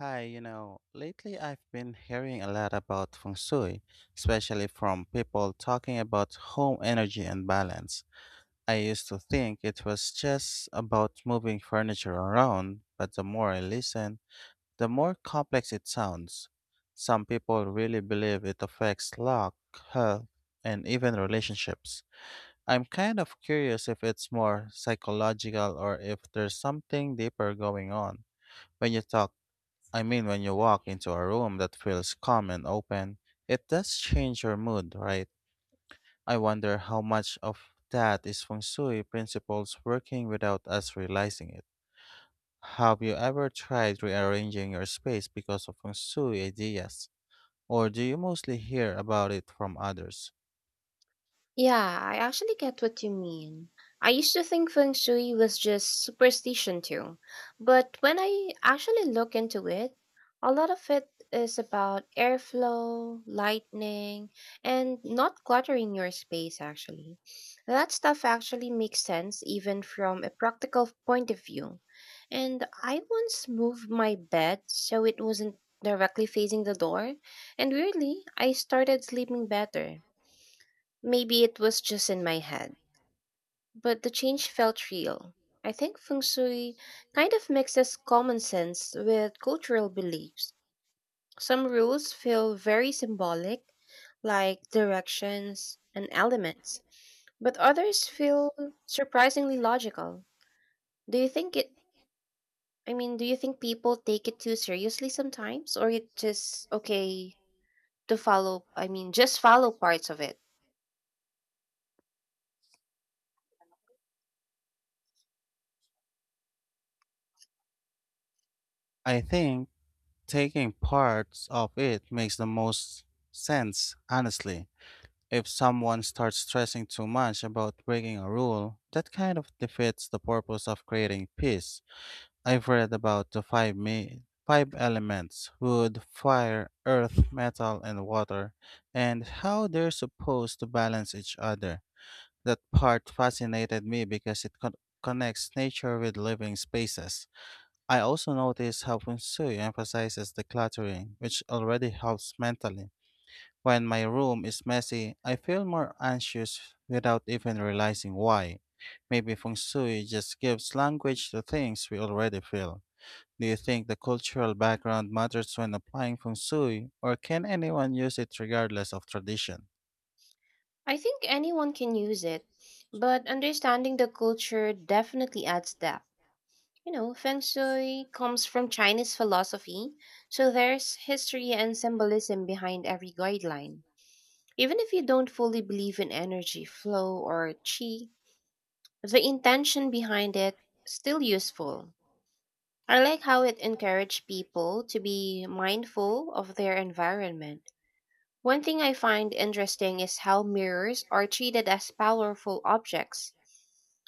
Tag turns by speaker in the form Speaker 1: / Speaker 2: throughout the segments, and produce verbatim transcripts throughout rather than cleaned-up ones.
Speaker 1: Hi, you know, lately I've been hearing a lot about feng shui, especially from people talking about home energy and balance. I used to think it was just about moving furniture around, but the more I listen, the more complex it sounds. Some people really believe it affects luck, health, and even relationships. I'm kind of curious if it's more psychological or if there's something deeper going on. When you talk I mean, when you walk into a room that feels calm and open, it does change your mood, right? I wonder how much of that is feng shui principles working without us realizing it. Have you ever tried rearranging your space because of feng shui ideas? Or do you mostly hear about it from others?
Speaker 2: Yeah, I actually get what you mean. I used to think feng shui was just superstition too, but when I actually look into it, a lot of it is about airflow, lightning, and not cluttering your space actually. That stuff actually makes sense even from a practical point of view. And I once moved my bed so it wasn't directly facing the door, and weirdly, I started sleeping better. Maybe it was just in my head, but the change felt real. I think feng shui kind of mixes common sense with cultural beliefs. Some rules feel very symbolic, like directions and elements, but others feel surprisingly logical. Do you think it, I mean, do you think people take it too seriously sometimes, or it just okay to follow, I mean, just follow parts of it?
Speaker 1: I think taking parts of it makes the most sense, honestly. If someone starts stressing too much about breaking a rule, that kind of defeats the purpose of creating peace. I've read about the five ma- five elements wood, fire, earth, metal, and water, and how they're supposed to balance each other. That part fascinated me because it con- connects nature with living spaces. I also noticed how Feng Shui emphasizes decluttering, which already helps mentally. When my room is messy, I feel more anxious without even realizing why. Maybe feng shui just gives language to things we already feel. Do you think the cultural background matters when applying feng shui, or can anyone use it regardless of tradition?
Speaker 2: I think anyone can use it, but understanding the culture definitely adds depth. You know, Feng Shui comes from Chinese philosophy, so there's history and symbolism behind every guideline. Even if you don't fully believe in energy, flow, or qi, the intention behind it still useful. I like how it encouraged people to be mindful of their environment one thing I find interesting is how mirrors are treated as powerful objects.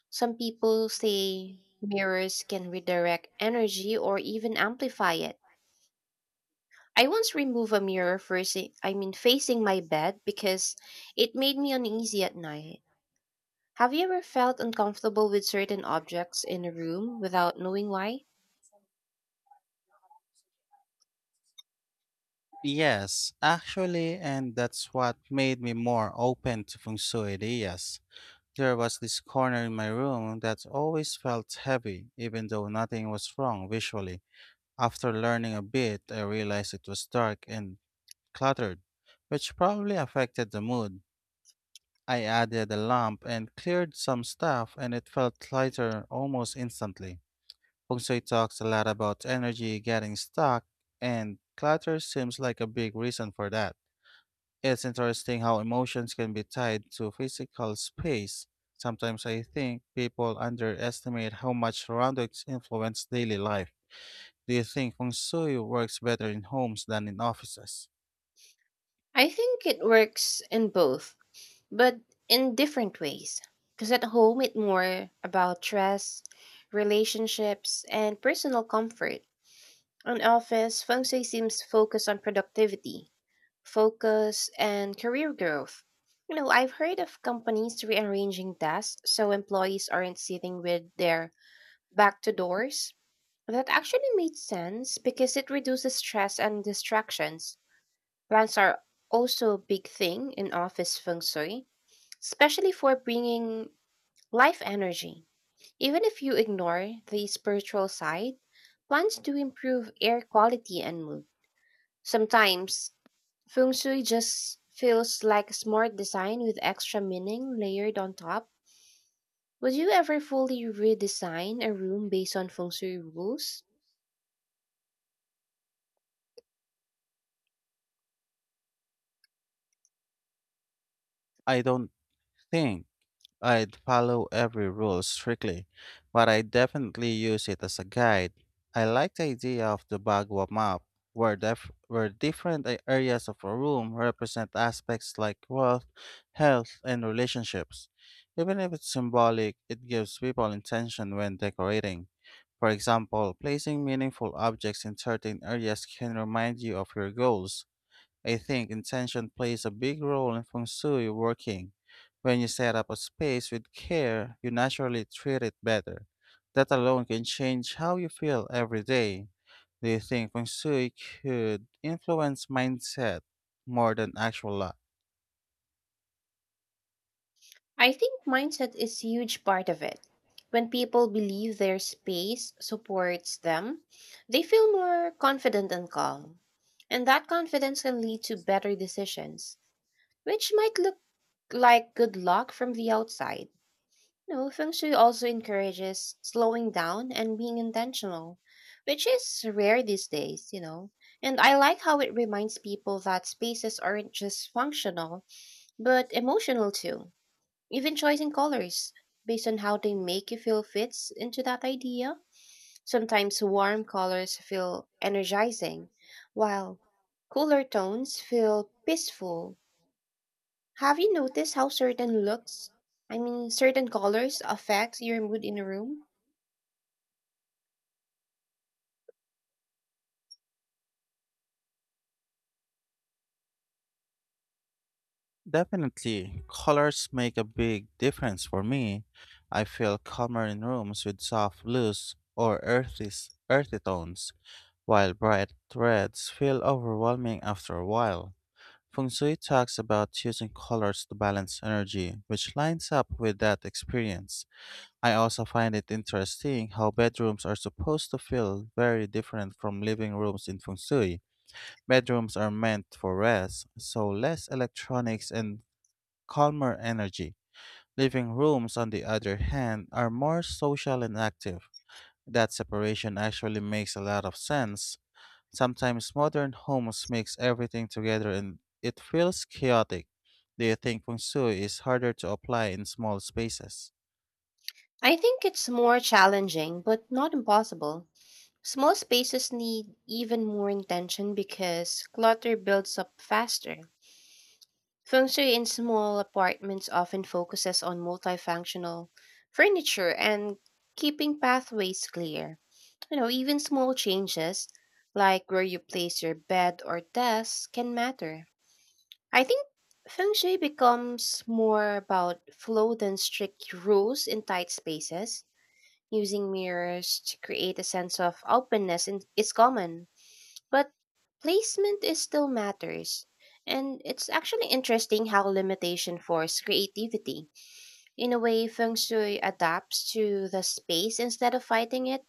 Speaker 2: Some people say mirrors can redirect energy or even amplify it. I once removed a mirror facing I mean facing my bed because it made me uneasy at night. Have you ever felt uncomfortable with certain objects in a room without knowing why?
Speaker 1: Yes, actually, and that's what made me more open to feng shui ideas. There was this corner in my room that always felt heavy, even though nothing was wrong visually. After learning a bit, I realized it was dark and cluttered, which probably affected the mood. I added a lamp and cleared some stuff, and it felt lighter almost instantly. Feng Shui talks a lot about energy getting stuck, and clutter seems like a big reason for that. It's interesting how emotions can be tied to physical space. Sometimes I think people underestimate how much surroundings influence daily life. Do you think feng shui works better in homes than in offices?
Speaker 2: I think it works in both, but in different ways. Because at home, it's more about stress, relationships, and personal comfort. On office, feng shui seems focused on productivity, focus, and career growth. You know, I've heard of companies rearranging desks so employees aren't sitting with their back to doors. That actually makes sense because it reduces stress and distractions. Plants are also a big thing in office feng shui, especially for bringing life energy. Even if you ignore the spiritual side, plants do improve air quality and mood. Sometimes, feng shui just feels like a smart design with extra meaning layered on top. Would you ever fully redesign a room based on feng shui rules?
Speaker 1: I don't think I'd follow every rule strictly, but I definitely use it as a guide. I like the idea of the Bagua map, where, def- where different a- areas of a room represent aspects like wealth, health, and relationships. Even if it's symbolic, it gives people intention when decorating. For example, placing meaningful objects in certain areas can remind you of your goals. I think intention plays a big role in feng shui working. When you set up a space with care, you naturally treat it better. That alone can change how you feel every day. Do you think feng shui could influence mindset more than actual luck?
Speaker 2: I think mindset is a huge part of it. When people believe their space supports them, they feel more confident and calm. And that confidence can lead to better decisions, which might look like good luck from the outside. No, feng shui also encourages slowing down and being intentional, which is rare these days, you know. And I like how it reminds people that spaces aren't just functional, but emotional too even choosing colors based on how they make you feel fits into that idea. Sometimes warm colors feel energizing, while cooler tones feel peaceful. Have you noticed how certain looks, I mean, certain colors affect your mood in a room?
Speaker 1: Definitely, colors make a big difference for me. I feel calmer in rooms with soft blues or earthy, earthy tones, while bright reds feel overwhelming after a while. Feng Shui talks about choosing colors to balance energy, which lines up with that experience. I also find it interesting how bedrooms are supposed to feel very different from living rooms in Feng Shui. Bedrooms are meant for rest, so less electronics and calmer energy. Living rooms, on the other hand, are more social and active. That separation actually makes a lot of sense. Sometimes modern homes mix everything together and it feels chaotic. Do you think feng shui is harder to apply in small spaces?
Speaker 2: I think it's more challenging, but not impossible. Small spaces need even more intention because clutter builds up faster. Feng Shui in small apartments often focuses on multifunctional furniture and keeping pathways clear. You know, even small changes like where you place your bed or desk can matter. I think Feng Shui becomes more about flow than strict rules in tight spaces. Using mirrors to create a sense of openness in- is common. But placement is still matters. And it's actually interesting how limitation force creativity. In a way, feng shui adapts to the space instead of fighting it.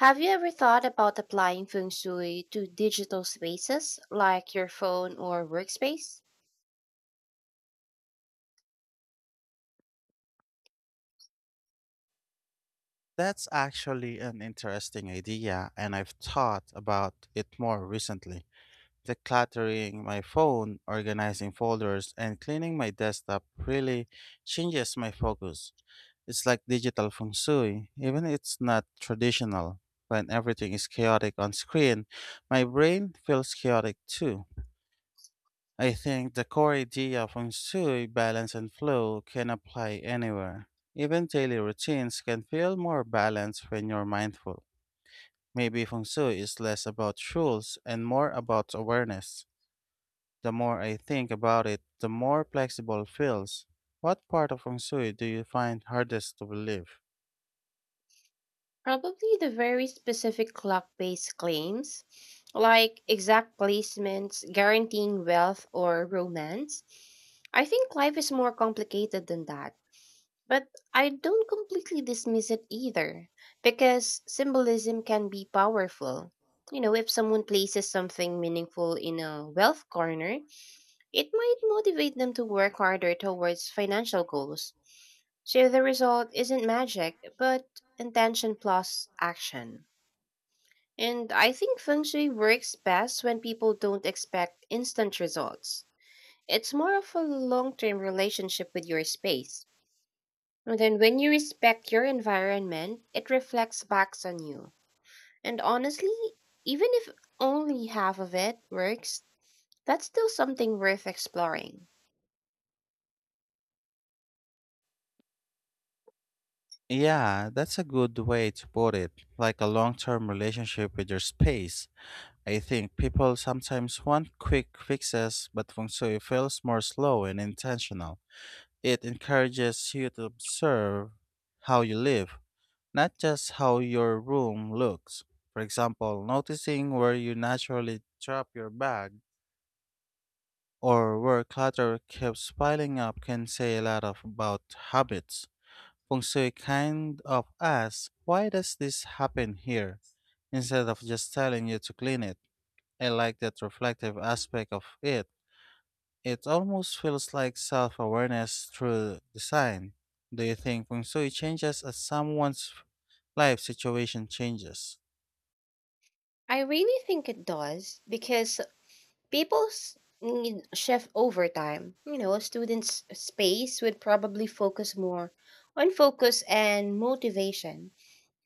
Speaker 2: Have you ever thought about applying feng shui to digital spaces like your phone or workspace?
Speaker 1: That's actually an interesting idea, and I've thought about it more recently. Decluttering my phone, organizing folders, and cleaning my desktop really changes my focus. It's like digital feng shui, even if it's not traditional. When everything is chaotic on screen, my brain feels chaotic too. I think the core idea of feng shui, balance and flow, can apply anywhere. Even daily routines can feel more balanced when you're mindful. Maybe feng shui is less about rules and more about awareness. The more I think about it, the more flexible it feels. What part of feng shui do you find hardest to believe?
Speaker 2: Probably the very specific clock based claims, like exact placements guaranteeing wealth or romance. I think life is more complicated than that. But I don't completely dismiss it either, because symbolism can be powerful. You know, if someone places something meaningful in a wealth corner, it might motivate them to work harder towards financial goals. So the result isn't magic, but intention plus action. And I think feng shui works best when people don't expect instant results. It's more of a long term relationship with your space. And then, when you respect your environment, it reflects back on you. And honestly, even if only half of it works, that's still something worth exploring.
Speaker 1: Yeah, that's a good way to put it, like a long term relationship with your space. I think people sometimes want quick fixes, but feng shui feels more slow and intentional. It encourages you to observe how you live, not just how your room looks. For example, noticing where you naturally drop your bag or where clutter keeps piling up can say a lot of about habits. Feng shui kind of asks, why does this happen here? Instead of just telling you to clean it. I like that reflective aspect of it. It almost feels like self awareness through design. Do you think feng shui changes as someone's life situation changes?
Speaker 2: I really think it does because people's need shift over time. You know, students' space would probably focus more on focus and motivation,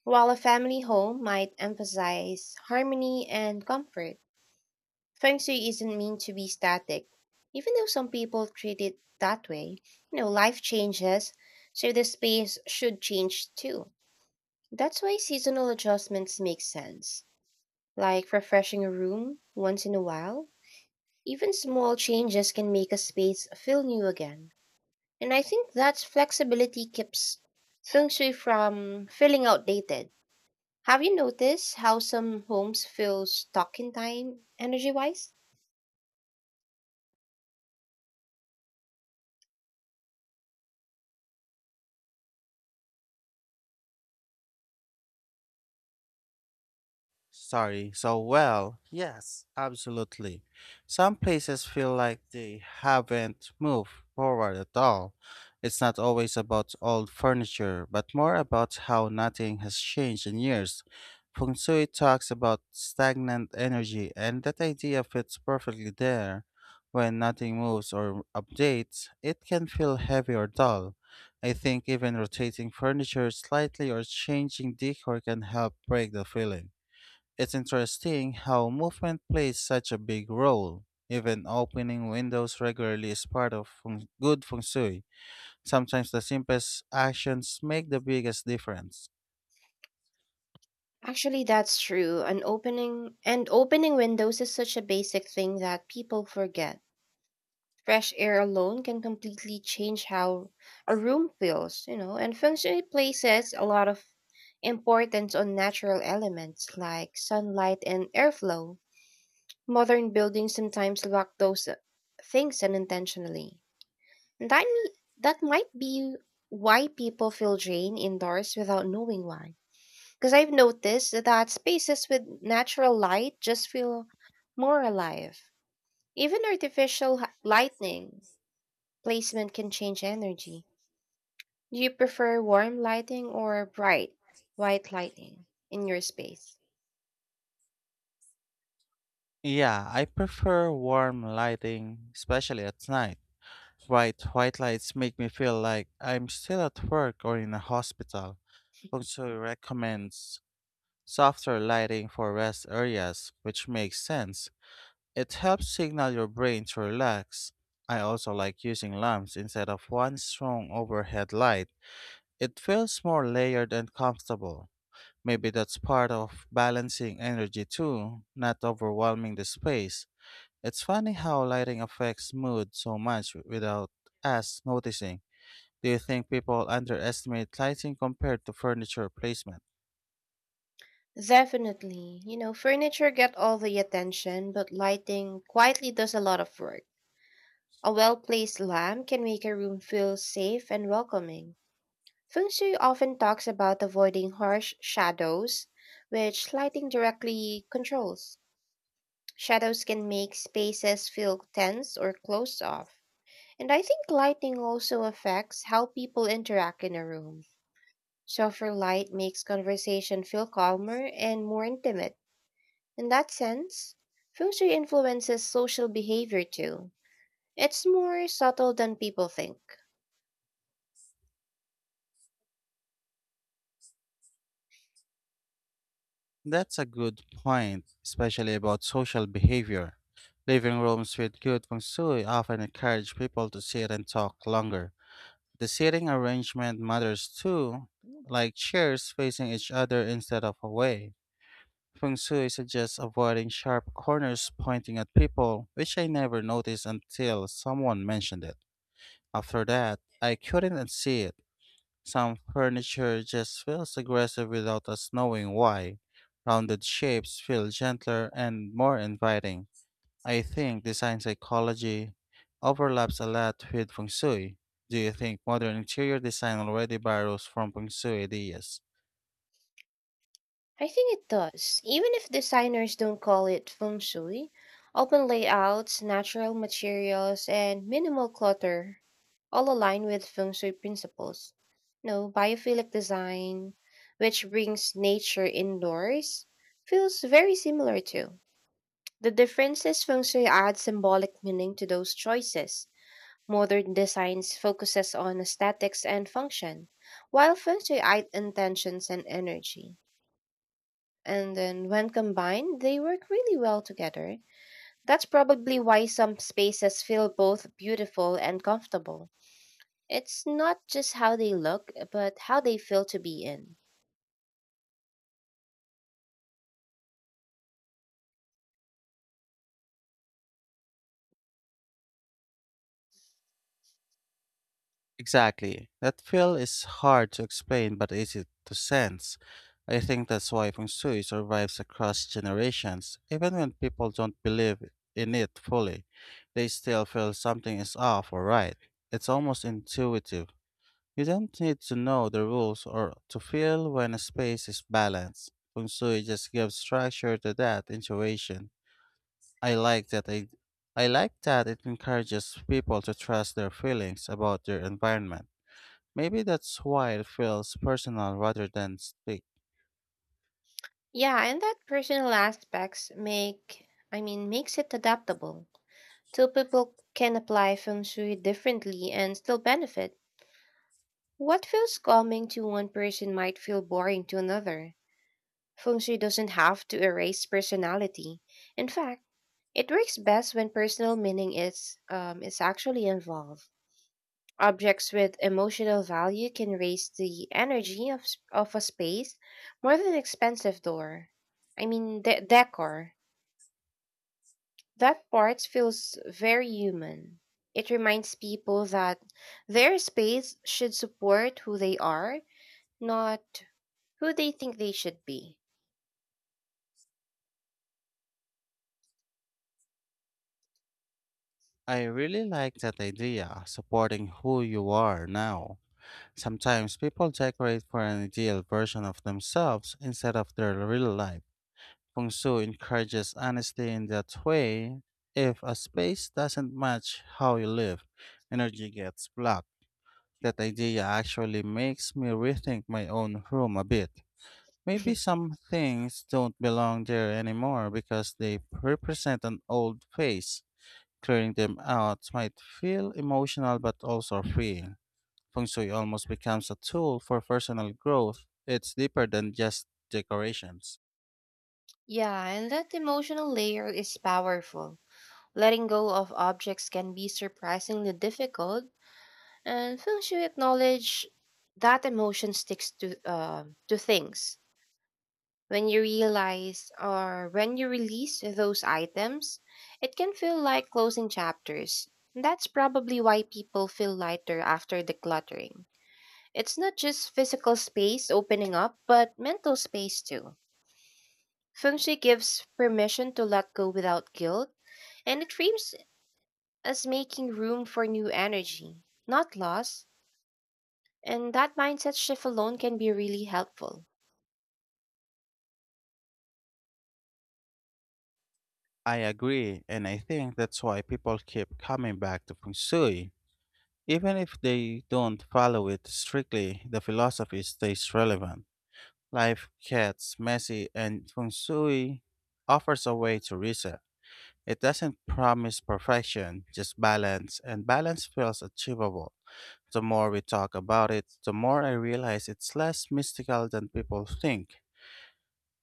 Speaker 2: while a family home might emphasize harmony and comfort. Feng Shui isn't meant to be static. Even though some people treat it that way, you know, life changes, so the space should change too. That's why seasonal adjustments make sense, like refreshing a room once in a while. Even small changes can make a space feel new again. And I think that flexibility keeps Feng Shui from feeling outdated. Have you noticed how some homes feel stuck in time, energy wise?
Speaker 1: Sorry. So, well, yes, absolutely. Some places feel like they haven't moved forward at all. It's not always about old furniture, but more about how nothing has changed in years. Feng Shui talks about stagnant energy, and that idea fits perfectly there. When nothing moves or updates, it can feel heavy or dull. I think even rotating furniture slightly or changing decor can help break the feeling. It's interesting how movement plays such a big role. Even opening windows regularly is part of feng- good feng shui. Sometimes the simplest actions make the biggest difference.
Speaker 2: Actually, that's true. An opening and Opening windows is such a basic thing that people forget. Fresh air alone can completely change how a room feels, you know, and functionally places a lot of importance on natural elements like sunlight and airflow. Modern buildings sometimes lack those uh, things unintentionally. And that, that might be why people feel drained indoors without knowing why. Because I've noticed that spaces with natural light just feel more alive. Even artificial h- lighting placement can change energy. Do you prefer warm lighting or bright white lighting in your space?
Speaker 1: Yeah, I prefer warm lighting, especially at night. Bright white lights make me feel like I'm still at work or in a hospital. Feng Shui recommends softer lighting for rest areas, which makes sense. It helps signal your brain to relax. I also like using lamps instead of one strong overhead light. It feels more layered and comfortable. Maybe that's part of balancing energy too, not overwhelming the space. It's funny how lighting affects mood so much without us noticing. Do you think people underestimate lighting compared to furniture placement?
Speaker 2: Definitely. You know, furniture get all the attention, but lighting quietly does a lot of work. A well-placed lamp can make a room feel safe and welcoming. Feng Shui often talks about avoiding harsh shadows, which lighting directly controls. Shadows can make spaces feel tense or closed off. And I think lighting also affects how people interact in a room. Softer light makes conversation feel calmer and more intimate. In that sense, Feng Shui influences social behavior too. It's more subtle than people think.
Speaker 1: That's a good point, especially about social behavior. Living rooms with good feng shui often encourage people to sit and talk longer. The seating arrangement matters too, like chairs facing each other instead of away. Feng shui suggests avoiding sharp corners pointing at people, which I never noticed until someone mentioned it. After that, I couldn't unsee it. Some furniture just feels aggressive without us knowing why. Rounded shapes feel gentler and more inviting. I think design psychology overlaps a lot with feng shui. Do you think modern interior design already borrows from feng shui ideas?
Speaker 2: I think it does. Even if designers don't call it feng shui, open layouts, natural materials, and minimal clutter all align with feng shui principles. No, biophilic design, which brings nature indoors, feels very similar to. The difference is feng shui adds symbolic meaning to those choices. Modern designs focuses on aesthetics and function, while feng shui adds intentions and energy and then when combined, they work really well together. That's probably why some spaces feel both beautiful and comfortable. It's not just how they look, but how they feel to be in.
Speaker 1: Exactly. That feel is hard to explain but easy to sense. I think that's why feng shui survives across generations. Even when people don't believe in it fully, they still feel something is off or right. It's almost intuitive. You don't need to know the rules or to feel when a space is balanced. Feng shui just gives structure to that intuition. I like that I, I like that it encourages people to trust their feelings about their environment. Maybe that's why it feels personal rather than strict.
Speaker 2: Yeah, and that personal aspects make, I mean, makes it adaptable. Two people can apply feng shui differently and still benefit. What feels calming to one person might feel boring to another. Feng shui doesn't have to erase personality. In fact, it works best when personal meaning is um, is actually involved. Objects with emotional value can raise the energy of, s- of a space more than expensive door. I mean, de- decor. That part feels very human. It reminds people that their space should support who they are, not who they think they should be.
Speaker 1: I really like that idea, supporting who you are now. Sometimes people decorate for an ideal version of themselves instead of their real life. Kung Su encourages honesty in that way. If a space doesn't match how you live, energy gets blocked. That idea actually makes me rethink my own room a bit. Maybe some things don't belong there anymore because they represent an old phase. Clearing them out might feel emotional but also freeing. Feng Shui almost becomes a tool for personal growth. It's deeper than just decorations.
Speaker 2: Yeah, and that emotional layer is powerful. Letting go of objects can be surprisingly difficult, and feng shui acknowledge that emotion sticks to uh, to things. When you realize or when you release those items, it can feel like closing chapters. And that's probably why people feel lighter after decluttering. It's not just physical space opening up, but mental space too. Feng Shui gives permission to let go without guilt. And it frames as making room for new energy, not loss. And that mindset shift alone can be really helpful.
Speaker 1: I agree, and I think that's why people keep coming back to Feng Shui. Even if they don't follow it strictly, the philosophy stays relevant. Life gets messy, and Feng Shui offers a way to reset. It doesn't promise perfection, just balance, and balance feels achievable. The more we talk about it, the more I realize it's less mystical than people think.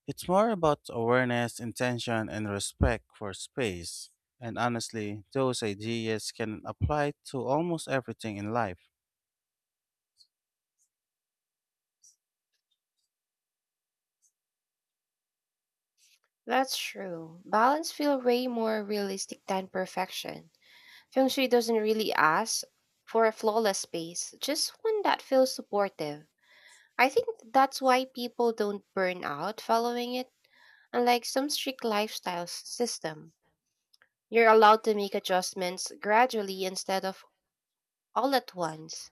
Speaker 1: It's more about awareness, intention, and respect for space. And honestly, those ideas can apply to almost everything in life.
Speaker 2: That's true. Balance feels way more realistic than perfection. Feng Shui doesn't really ask for a flawless space, just one that feels supportive. I think that's why people don't burn out following it. Unlike some strict lifestyle s- system, you're allowed to make adjustments gradually instead of all at once.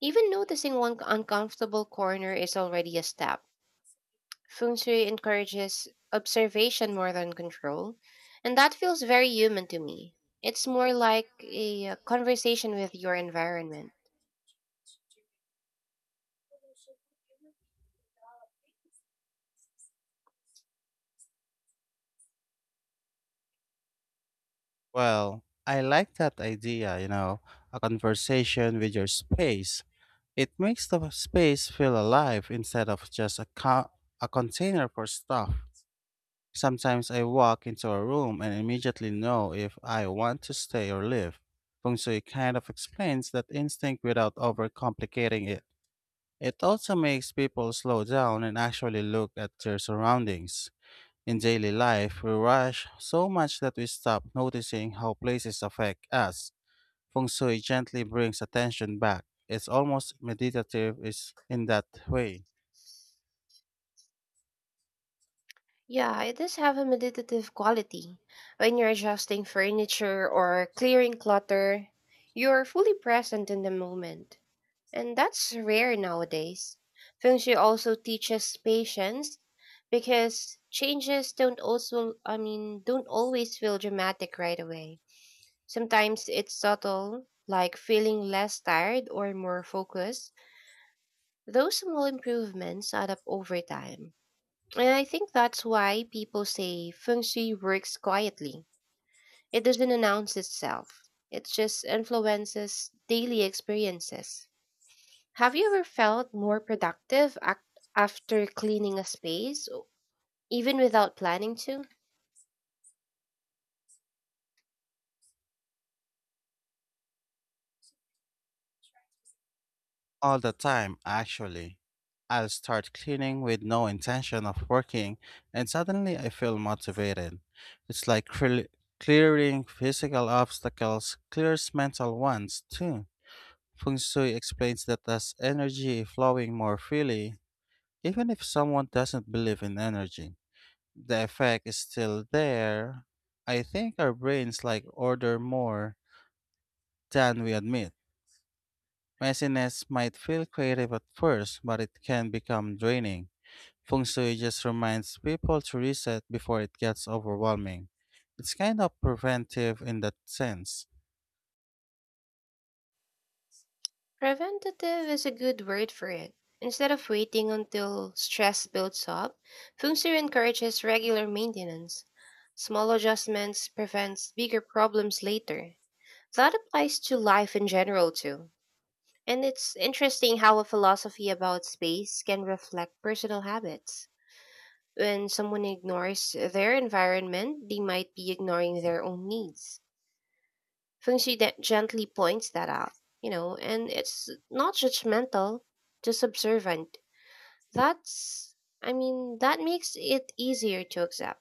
Speaker 2: Even noticing one uncomfortable corner is already a step. Feng Shui encourages observation more than control, and that feels very human to me. It's more like a uh, conversation with your environment.
Speaker 1: Well, I like that idea, you know, a conversation with your space. It makes the space feel alive instead of just a, co- a container for stuff. Sometimes I walk into a room and immediately know if I want to stay or leave. Feng Shui kind of explains that instinct without overcomplicating it. It also makes people slow down and actually look at their surroundings. In daily life, we rush so much that we stop noticing how places affect us. Feng Shui gently brings attention back. It's almost meditative is in that way.
Speaker 2: Yeah, it does have a meditative quality. When you're adjusting furniture or clearing clutter, you're fully present in the moment. And that's rare nowadays. Feng Shui also teaches patience because changes don't also I mean don't always feel dramatic right away. Sometimes it's subtle, like feeling less tired or more focused. Those small improvements add up over time. And I think that's why people say feng shui works quietly. It doesn't announce itself, it just influences daily experiences. Have you ever felt more productive ac- after cleaning a space, even without planning to?
Speaker 1: All the time, actually. I'll start cleaning with no intention of working, and suddenly I feel motivated. It's like cre- clearing physical obstacles clears mental ones, too. Feng Shui explains that as energy flowing more freely, even if someone doesn't believe in energy, the effect is still there. I think our brains like order more than we admit. Messiness might feel creative at first, but it can become draining. Feng Shui just reminds people to reset before it gets overwhelming. It's kind of preventive in that sense.
Speaker 2: Preventative is a good word for it. Instead of waiting until stress builds up, Feng Shui encourages regular maintenance. Small adjustments prevents bigger problems later. That applies to life in general too. And it's interesting how a philosophy about space can reflect personal habits. When someone ignores their environment, they might be ignoring their own needs. Feng Shui de- gently points that out, you know, and it's not judgmental, just observant. That's, I mean, that makes it easier to accept.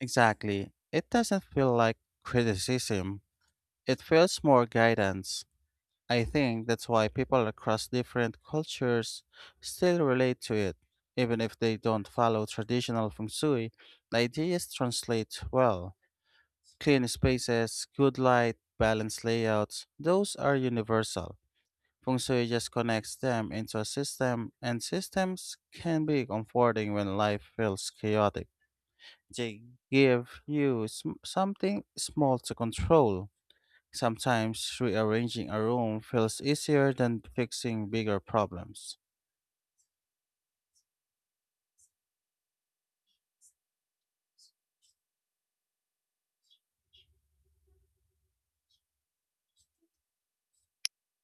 Speaker 1: Exactly. It doesn't feel like criticism, it feels more guidance. I think that's why people across different cultures still relate to it. Even if they don't follow traditional feng shui, the ideas translate well. Clean spaces, good light, balanced layouts, those are universal. Feng Shui just connects them into a system, and systems can be comforting when life feels chaotic. They give you sm- something small to control. Sometimes rearranging a room feels easier than fixing bigger problems.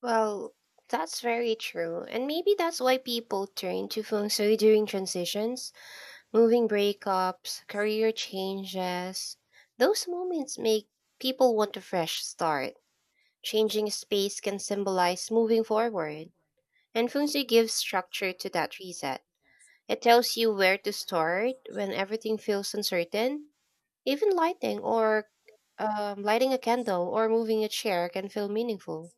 Speaker 2: Well, that's very true. And maybe that's why people turn to Feng Shui during transitions, moving breakups, career changes. Those moments make people want a fresh start. Changing space can symbolize moving forward, and Feng Shui gives structure to that reset. It tells you where to start when everything feels uncertain. Even lighting or um, lighting a candle or moving a chair can feel meaningful.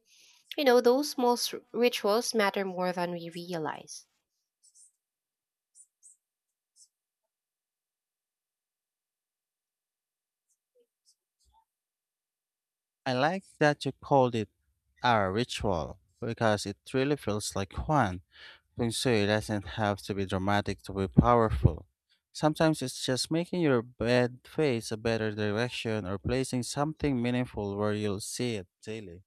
Speaker 2: You know, those small s- rituals matter more than we realize.
Speaker 1: I like that you called it our ritual because it really feels like one. Feng Shui doesn't have to be dramatic to be powerful. Sometimes it's just making your bed face a better direction or placing something meaningful where you'll see it daily.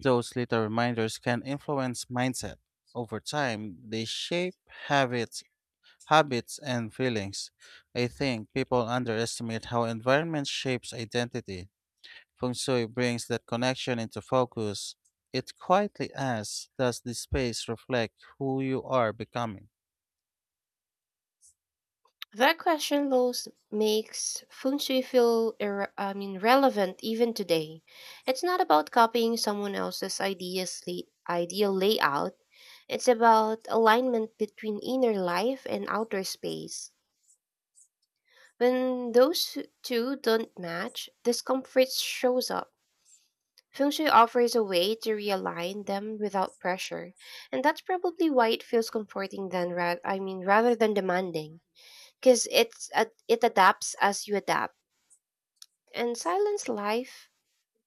Speaker 1: Those little reminders can influence mindset. Over time, they shape habits, habits and feelings. I think people underestimate how environment shapes identity. Feng Shui brings that connection into focus. It quietly asks, does this space reflect who you are becoming?
Speaker 2: That question, Lowe's, makes feng shui feel irre- I mean, relevant even today. It's not about copying someone else's ideas, lay- ideal layout. It's about alignment between inner life and outer space. When those t- two don't match, discomfort shows up. Feng Shui offers a way to realign them without pressure, and that's probably why it feels comforting than ra- I mean rather than demanding, because it's ad- it adapts as you adapt. And silence life,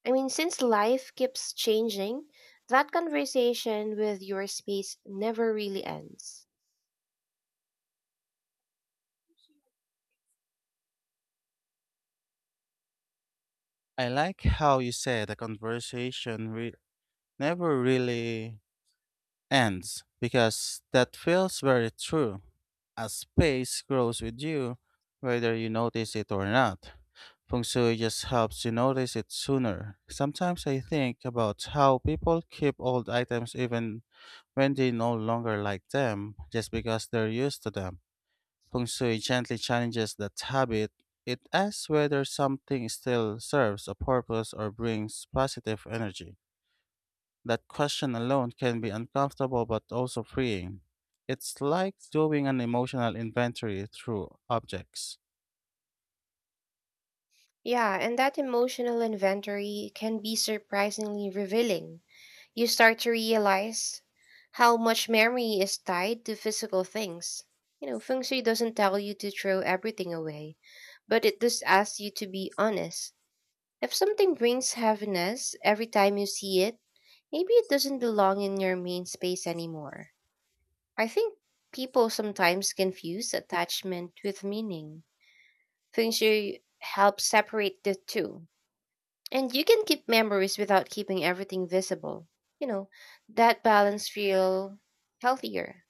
Speaker 2: I mean Since life keeps changing, that conversation with your space never really ends.
Speaker 1: I like how you said the conversation re- never really ends because that feels very true. A space grows with you, whether you notice it or not. Feng Shui just helps you notice it sooner. Sometimes I think about how people keep old items even when they no longer like them, just because they're used to them. Feng Shui gently challenges that habit. It asks whether something still serves a purpose or brings positive energy. That question alone can be uncomfortable but also freeing. It's like doing an emotional inventory through objects.
Speaker 2: Yeah, and that emotional inventory can be surprisingly revealing. You start to realize how much memory is tied to physical things. You know, feng shui doesn't tell you to throw everything away, but it does ask you to be honest. If something brings heaviness every time you see it, maybe it doesn't belong in your main space anymore. I think people sometimes confuse attachment with meaning. Feng shui helps separate the two and you can keep memories without keeping everything visible. You know, that balance feel healthier.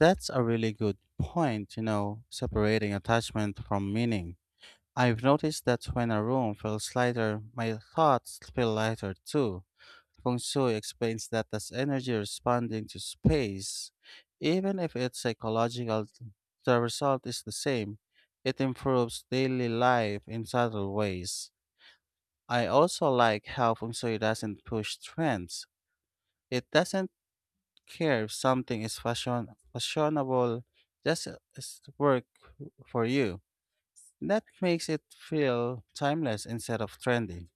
Speaker 1: That's a really good point, you know, separating attachment from meaning. I've noticed that when a room feels lighter, my thoughts feel lighter too. Feng Shui explains that as energy responding to space, even if its psychological the result is the same, it improves daily life in subtle ways. I also like how Feng Shui doesn't push trends. It doesn't care if something is fashion fashionable, just uh, is work for you. That makes it feel timeless instead of trendy.